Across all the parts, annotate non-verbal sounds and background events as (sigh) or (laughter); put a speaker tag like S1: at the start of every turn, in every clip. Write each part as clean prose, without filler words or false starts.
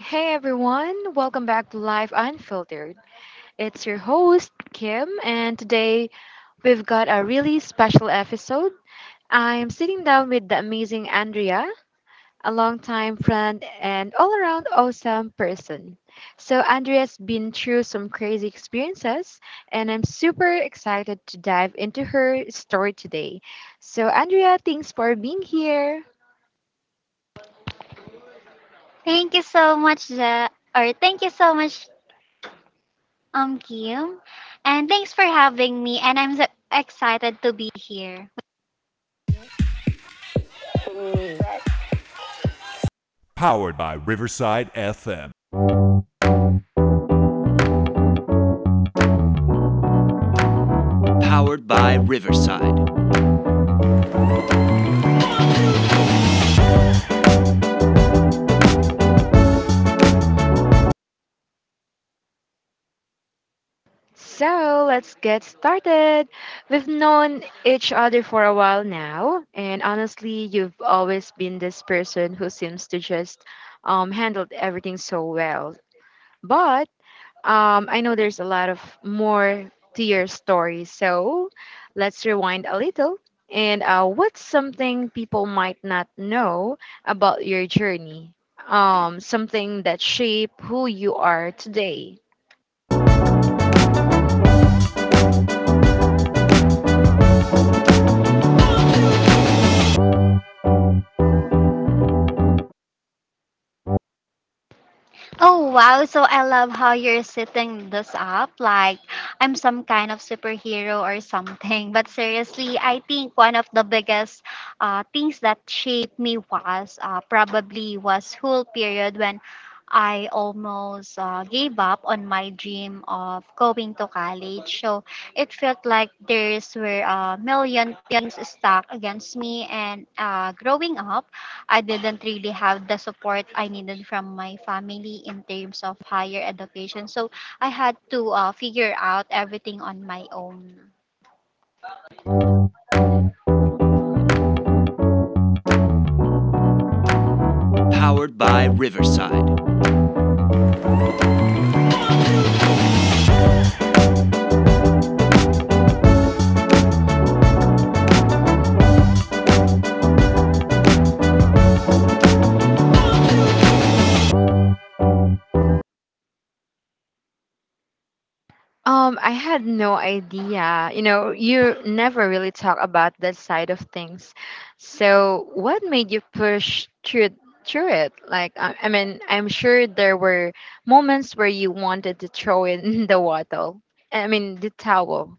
S1: Hey everyone, welcome back to Life Unfiltered. It's your host, Kim, and today we've got a really special episode. I'm sitting down with the amazing Andrea, a longtime friend and all around awesome person. So, Andrea's been through some crazy experiences, and I'm super excited to dive into her story today. So, Andrea, thanks for being here.
S2: Thank you so much, Ja, or thank you so much, Kim, and thanks for having me. And I'm so excited to be here.
S1: So let's get started. We've known each other for a while now, and honestly, you've always been this person who seems to just handle everything so well. But I know there's a lot of more to your story, so let's rewind a little. And what's something people might not know about your journey? Something that shaped who you are today.
S2: Oh wow, so I love how you're setting this up like I'm some kind of superhero or something. But seriously, I think one of the biggest things that shaped me was probably was whole period when I almost gave up on my dream of going to college. So it felt like there's were a million things stuck against me and growing up I didn't really have the support I needed from my family in terms of higher education. So I had to figure out everything on my own.
S1: I had no idea. You know, you never really talk about that side of things. So, what made you push through it? Like, I mean, I'm sure there were moments where you wanted to throw in (laughs) the wattle. I mean, the towel.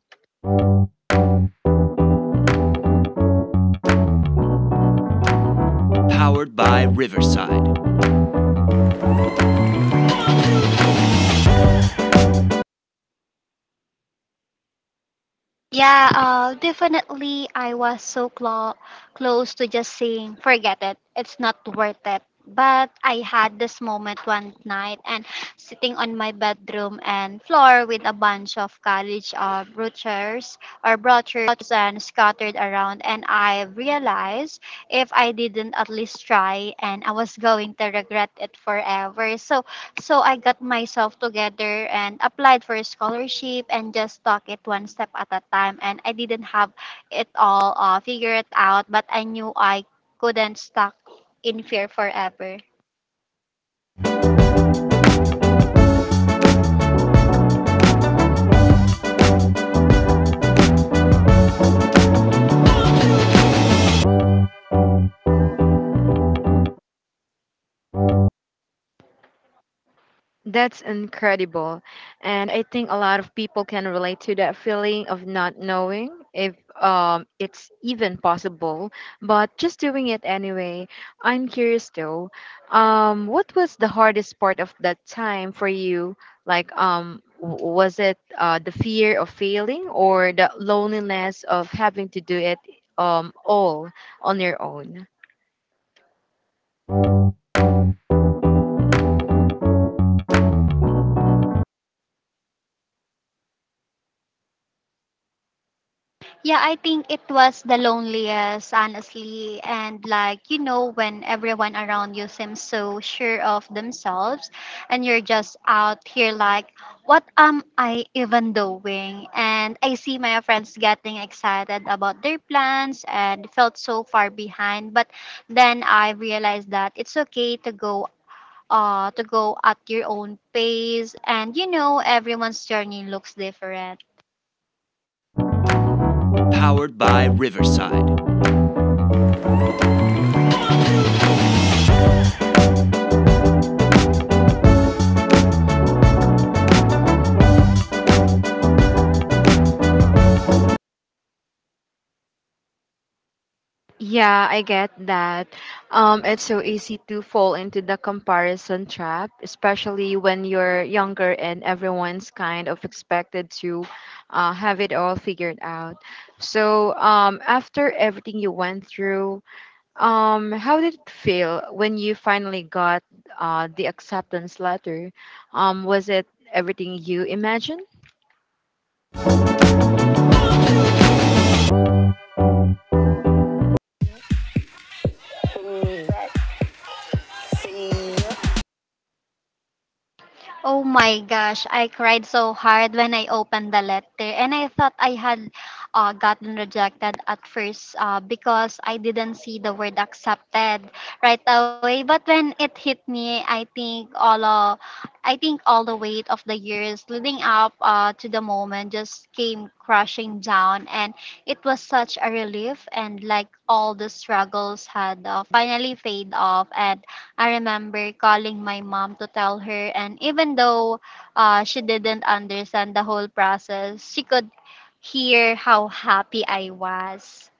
S2: Yeah, definitely. I was so close to just saying, forget it. It's not worth it. But I had this moment one night and sitting on my bedroom and floor with a bunch of college brochures and scattered around. And I realized if I didn't at least try and I was going to regret it forever. So I got myself together and applied for a scholarship and just took it one step at a time. And I didn't have it all figured out, but I knew I couldn't stuck in fear forever.
S1: That's incredible. And I think a lot of people can relate to that feeling of not knowing if it's even possible, but just doing it anyway. I'm curious though, what was the hardest part of that time for you? Like, was it the fear of failing or the loneliness of having to do it all on your own?
S2: Yeah, I think it was the loneliest, honestly. And like, you know, when everyone around you seems so sure of themselves and you're just out here like, what am I even doing? And I see my friends getting excited about their plans and felt so far behind. But then I realized that it's okay to go at your own pace, and you know everyone's journey looks different.
S1: Yeah, I get that. It's so easy to fall into the comparison trap, especially when you're younger and everyone's kind of expected to have it all figured out. So, after everything you went through, how did it feel when you finally got the acceptance letter? Was it everything you imagined?
S2: Oh my gosh, I cried so hard when I opened the letter and I thought I had gotten rejected at first because I didn't see the word accepted right away. But when it hit me, I think all the weight of the years leading up to the moment just came crashing down, and it was such a relief, and like all the struggles had finally fade off, and I remember calling my mom to tell her, and even though she didn't understand the whole process, she could hear how happy I was.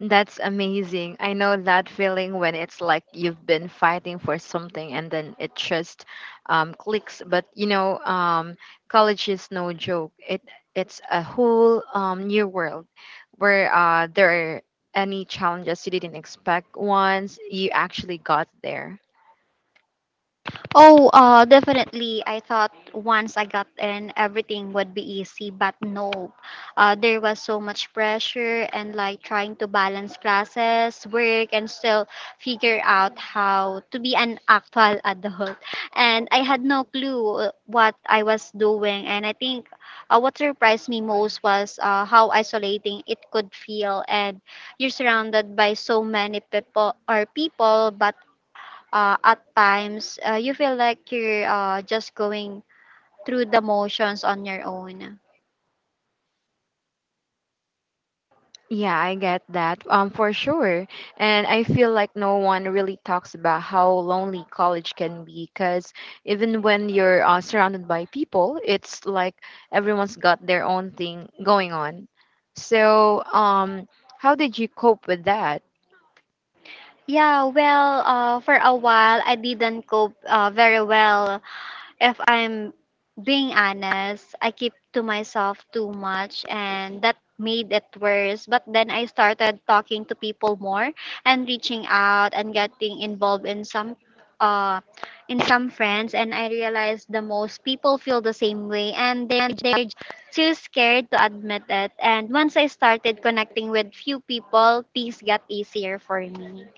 S1: That's amazing. I know that feeling when it's like you've been fighting for something and then it just clicks. But you know, college is no joke. It's a whole new world where there are any challenges you didn't expect once you actually got there.
S2: Oh, definitely. I thought once I got in, everything would be easy, but nope. There was so much pressure and like trying to balance classes, work, and still figure out how to be an actual adult. And I had no clue what I was doing. And I think what surprised me most was how isolating it could feel. And you're surrounded by so many people, but at times you feel like you're just going through the motions on your own.
S1: Yeah, I get that. For sure. And I feel like no one really talks about how lonely college can be because even when you're surrounded by people, it's like everyone's got their own thing going on. So, how did you cope with that?
S2: Yeah, well, for a while I didn't cope very well. If I'm being honest, I keep to myself too much and that made it worse. But then I started talking to people more and reaching out and getting involved in uh some friends, and I realized the most people feel the same way and they're too scared to admit it. And once I started connecting with few people, things got easier for me.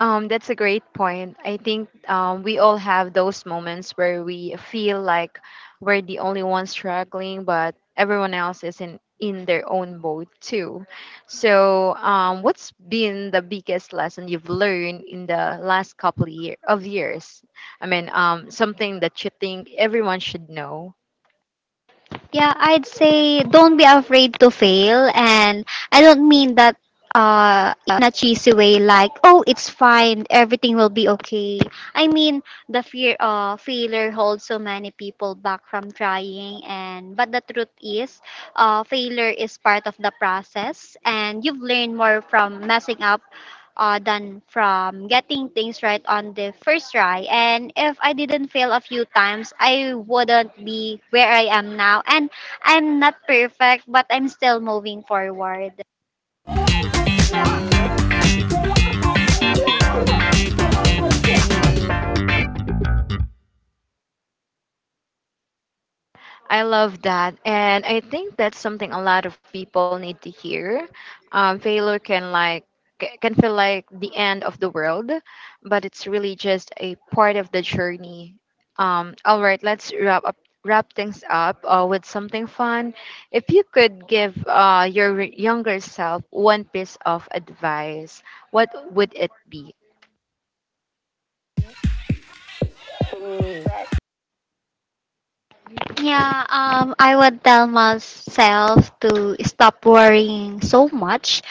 S1: That's a great point. I think we all have those moments where we feel like we're the only ones struggling, but everyone else is in their own boat too. So, what's been the biggest lesson you've learned in the last couple of years? I mean, something that you think everyone should know.
S2: Yeah, I'd say don't be afraid to fail. And I don't mean that in a cheesy way, like, oh, it's fine, everything will be okay. I mean, the fear of failure holds so many people back from trying. And but the truth is, failure is part of the process, and you've learned more from messing up than from getting things right on the first try. And if I didn't fail a few times, I wouldn't be where I am now. And I'm not perfect, but I'm still moving forward.
S1: I love that. And I think that's something a lot of people need to hear. Failure can feel like the end of the world, but it's really just a part of the journey. All right, let's wrap things up with something fun. If you could give your younger self one piece of advice, what would it be?
S2: Yeah, I would tell myself to stop worrying so much,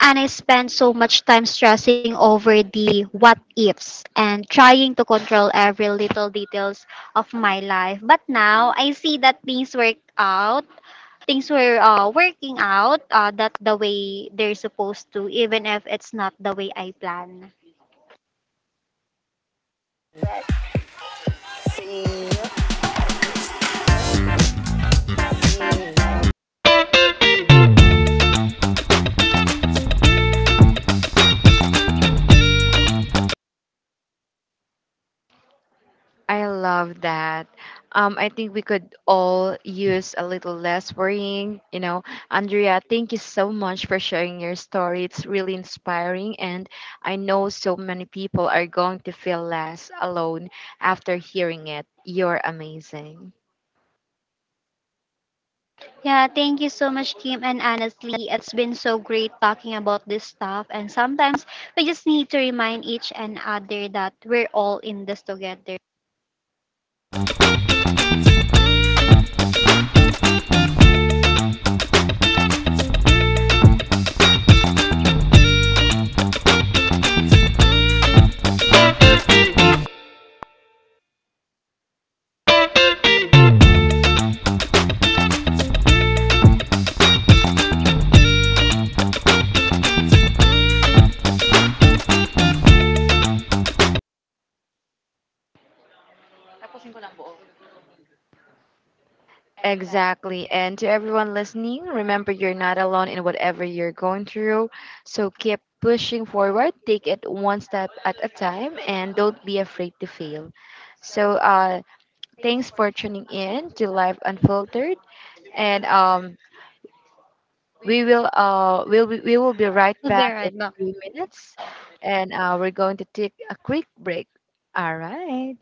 S2: and I spend so much time stressing over the what ifs and trying to control every little details of my life. But now I see that things were working out that the way they're supposed to, even if it's not the way I plan.
S1: I love that. I think we could all use a little less worrying. You know, Andrea, thank you so much for sharing your story. It's really inspiring, and I know so many people are going to feel less alone after hearing it. You're amazing.
S2: Yeah, thank you so much, Kim. And honestly, it's been so great talking about this stuff. And sometimes we just need to remind each and other that we're all in this together.
S1: Exactly. And to everyone listening, remember you're not alone in whatever you're going through. So keep pushing forward, take it one step at a time, and don't be afraid to fail. So, uh, Thanks for tuning in to Live Unfiltered, and um, we
S2: We'll
S1: will uh, we'll be, we will be right
S2: be
S1: back in
S2: right
S1: a
S2: back.
S1: few minutes, and we're going to take a quick break. All right,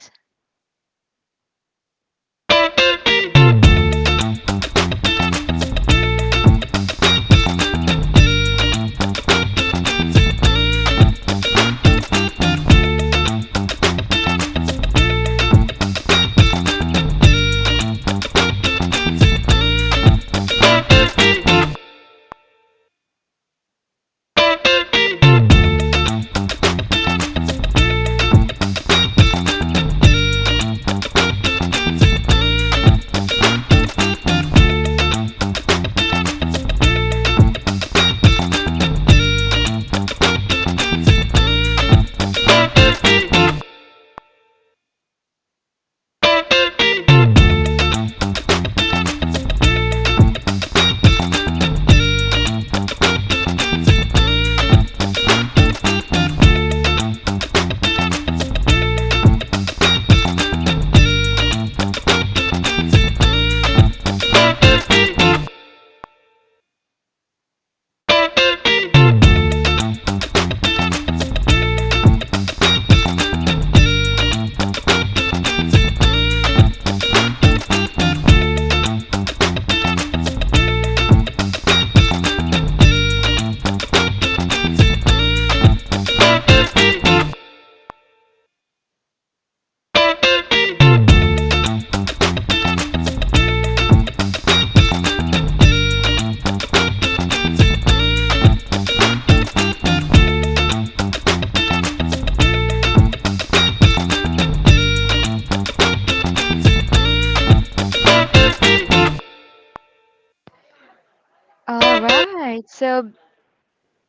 S1: all right. So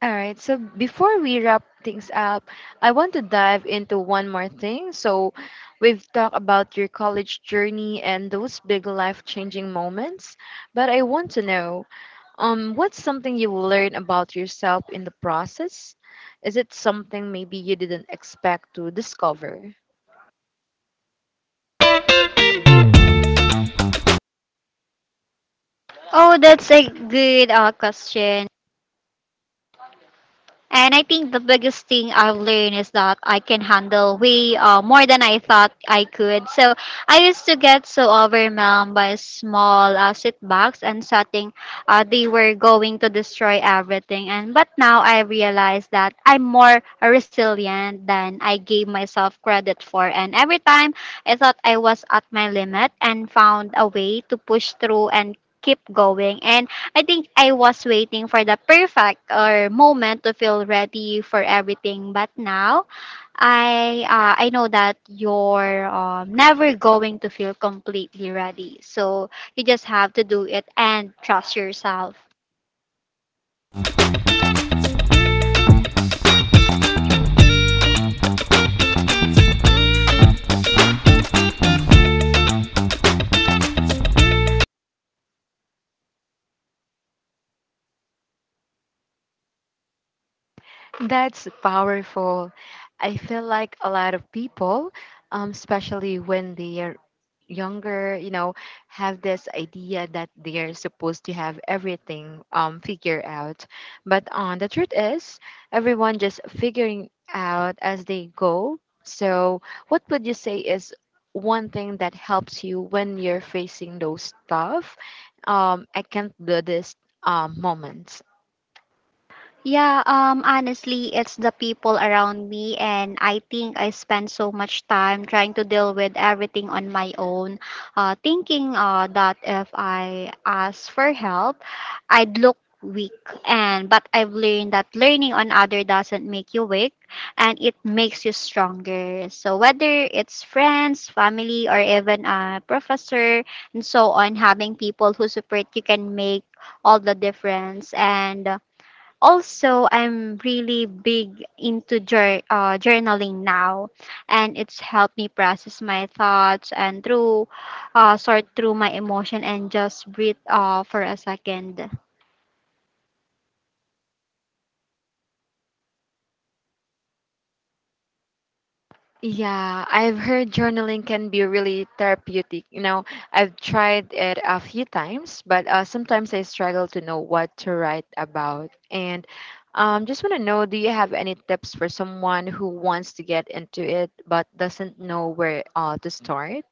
S1: all right. So before we wrap things up, I want to dive into one more thing. So we've talked about your college journey and those big life changing moments, but I want to know. What's something you learned about yourself in the process? Is it something maybe you didn't expect to discover?
S2: Oh, that's a good question. And I think the biggest thing I've learned is that I can handle way more than I thought I could. So I used to get so overwhelmed by small setbacks and setting they were going to destroy everything. And but now I realize that I'm more resilient than I gave myself credit for. And every time I thought I was at my limit and found a way to push through and keep going. And I think I was waiting for the perfect or moment to feel ready for everything, but now I know that you're never going to feel completely ready. So you just have to do it and trust yourself.
S1: That's powerful. I feel like a lot of people, especially when they are younger, you know, have this idea that they're supposed to have everything figured out. But the truth is, everyone just figuring out as they go. So, what would you say is one thing that helps you when you're facing those tough, I can't do this moments?
S2: Yeah, honestly, it's the people around me, and I think I spend so much time trying to deal with everything on my own, thinking that if I ask for help, I'd look weak. And but I've learned that learning on other doesn't make you weak, and it makes you stronger. So whether it's friends, family, or even a professor, and so on, having people who support you can make all the difference. And also, I'm really big into journaling now, and it's helped me process my thoughts and through sort through my emotion and just breathe for a second.
S1: Yeah, I've heard journaling can be really therapeutic. You know, I've tried it a few times, but sometimes I struggle to know what to write about. And just want to know, do you have any tips for someone who wants to get into it but doesn't know where to start?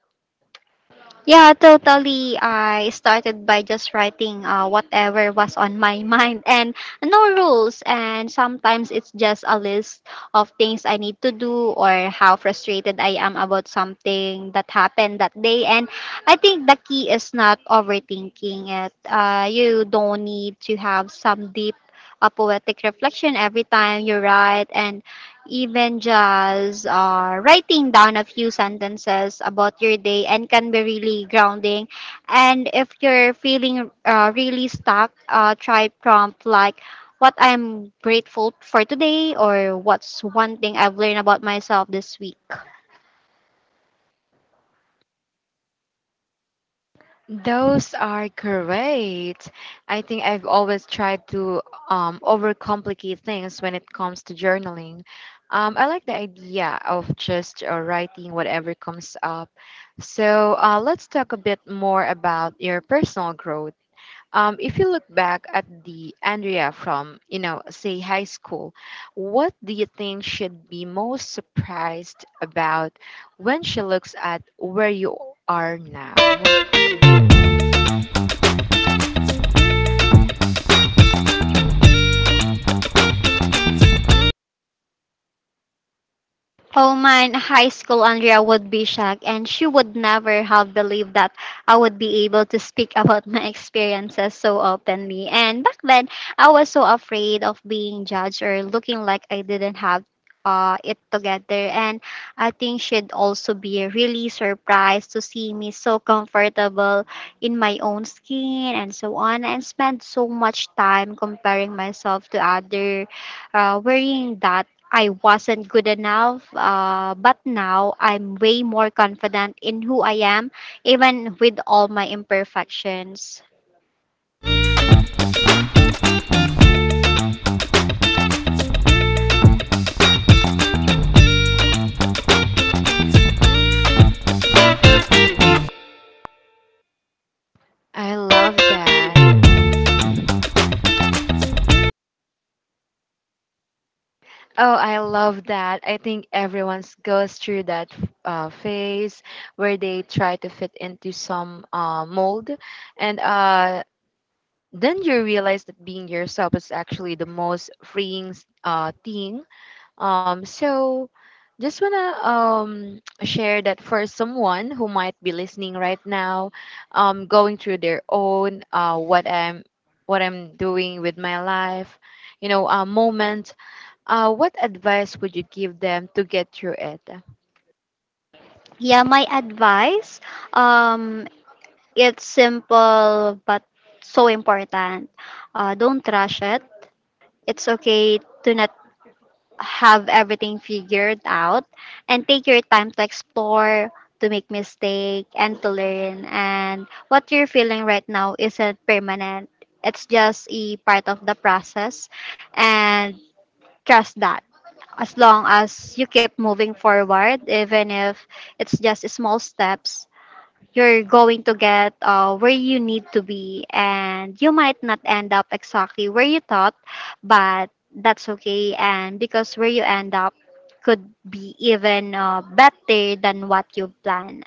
S2: Yeah, totally. I started by just writing whatever was on my (laughs) mind and no rules. And sometimes it's just a list of things I need to do or how frustrated I am about something that happened that day. And I think the key is not overthinking it. You don't need to have some deep poetic reflection every time you write. And even just writing down a few sentences about your day and can be really grounding. And if you're feeling really stuck, try prompt like what I'm grateful for today or what's one thing I've learned about myself this week.
S1: Those are great. I think I've always tried to overcomplicate things when it comes to journaling. I like the idea of just writing whatever comes up. So let's talk a bit more about your personal growth. If you look back at the Andrea from, you know, say high school, what do you think should be most surprised about when she looks at where you are now?
S2: Oh, Holman High School Andrea would be shocked and she would never have believed that I would be able to speak (laughs) about my experiences so openly. And back then, I was so afraid of being judged or looking like I didn't have it together. And I think she'd also be really surprised to see me so comfortable in my own skin and so on, and spend so much time comparing myself to other, worrying that I wasn't good enough, but now I'm way more confident in who I am, even with all my imperfections.
S1: I love that. Oh, I love that. I think everyone's goes through that phase where they try to fit into some mold, and then you realize that being yourself is actually the most freeing thing. So just wanna (tsk) share that for someone who might be listening right now, going through their own what I'm doing with my life, you know, moment. What advice would you give them to get through it?
S2: Yeah, my advice, um, it's simple but so important. Don't rush it. It's okay to not have everything figured out, and take your time to explore, to make mistake, and to learn, and what you're feeling right now isn't permanent, it's just a part of the process, and trust that as long as you keep moving forward, even if it's just small steps, you're going to get where you need to be, and you might not end up exactly where you thought, but that's okay, and because where you end up could be even better than what you plan.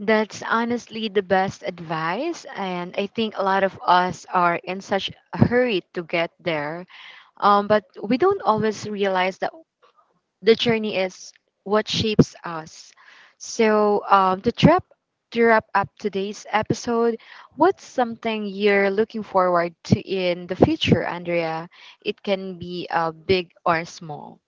S1: That's honestly the best advice, and I think a lot of us are in such a hurry to get there. But we don't always realize that the journey is what shapes us. So, to wrap up today's episode, what's something you're looking forward to in the future, Andrea? It can be big or small.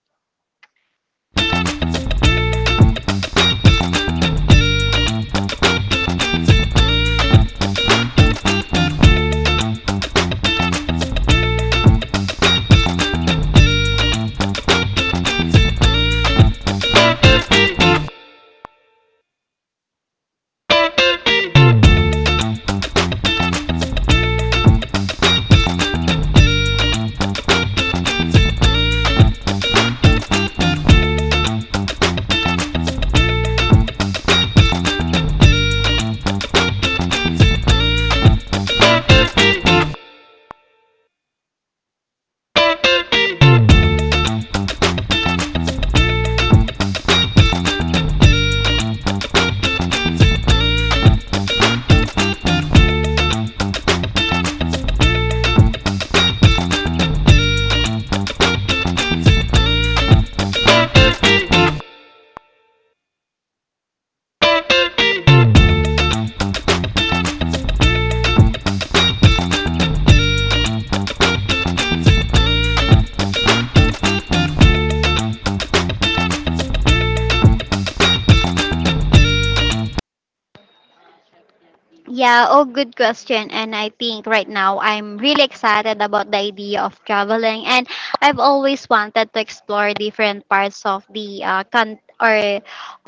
S2: Yeah, oh, good question. And I think right now I'm really excited about the idea of traveling. And I've always wanted to explore different parts of the country or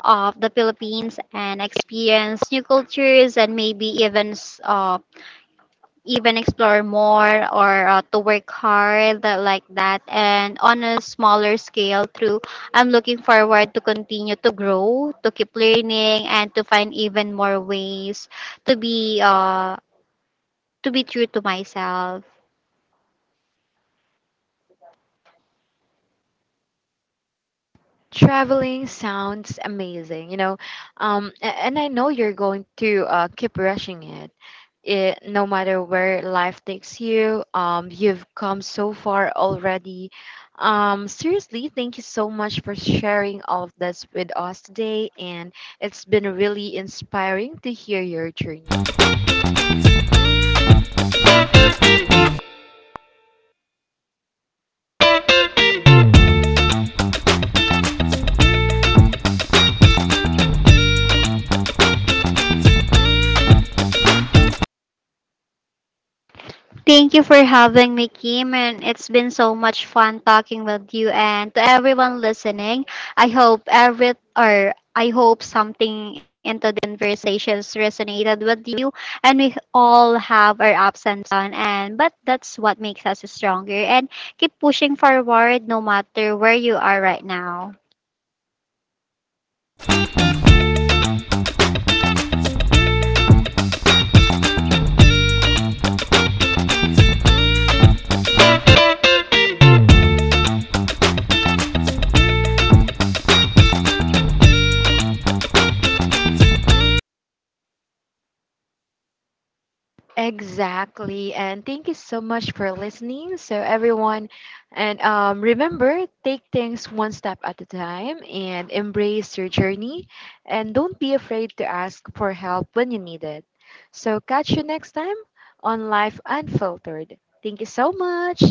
S2: of the Philippines and experience new cultures and maybe even uh, even explore more or to work hard like that, and on a smaller scale through I'm looking forward to continue to grow, to keep learning, and to find even more ways to be uh to be true to myself.
S1: Traveling sounds amazing, you know, and I know you're going to keep rushing it. It, no matter where life takes you, you've come so far already. Seriously, thank you so much for sharing all of this with us today, and it's been really inspiring to hear your journey.
S2: Thank you for having me, Kim, and it's been so much fun talking with you. And to everyone listening, I hope every or I hope something into the conversations resonated with you, and we all have our ups and downs, and but that's what makes us stronger. And keep pushing forward, no matter where you are right now.
S1: Exactly. And thank you so much for listening. So, everyone, and remember, take things one step at a time and embrace your journey. And don't be afraid to ask for help when you need it. So, catch you next time on Life Unfiltered. Thank you so much.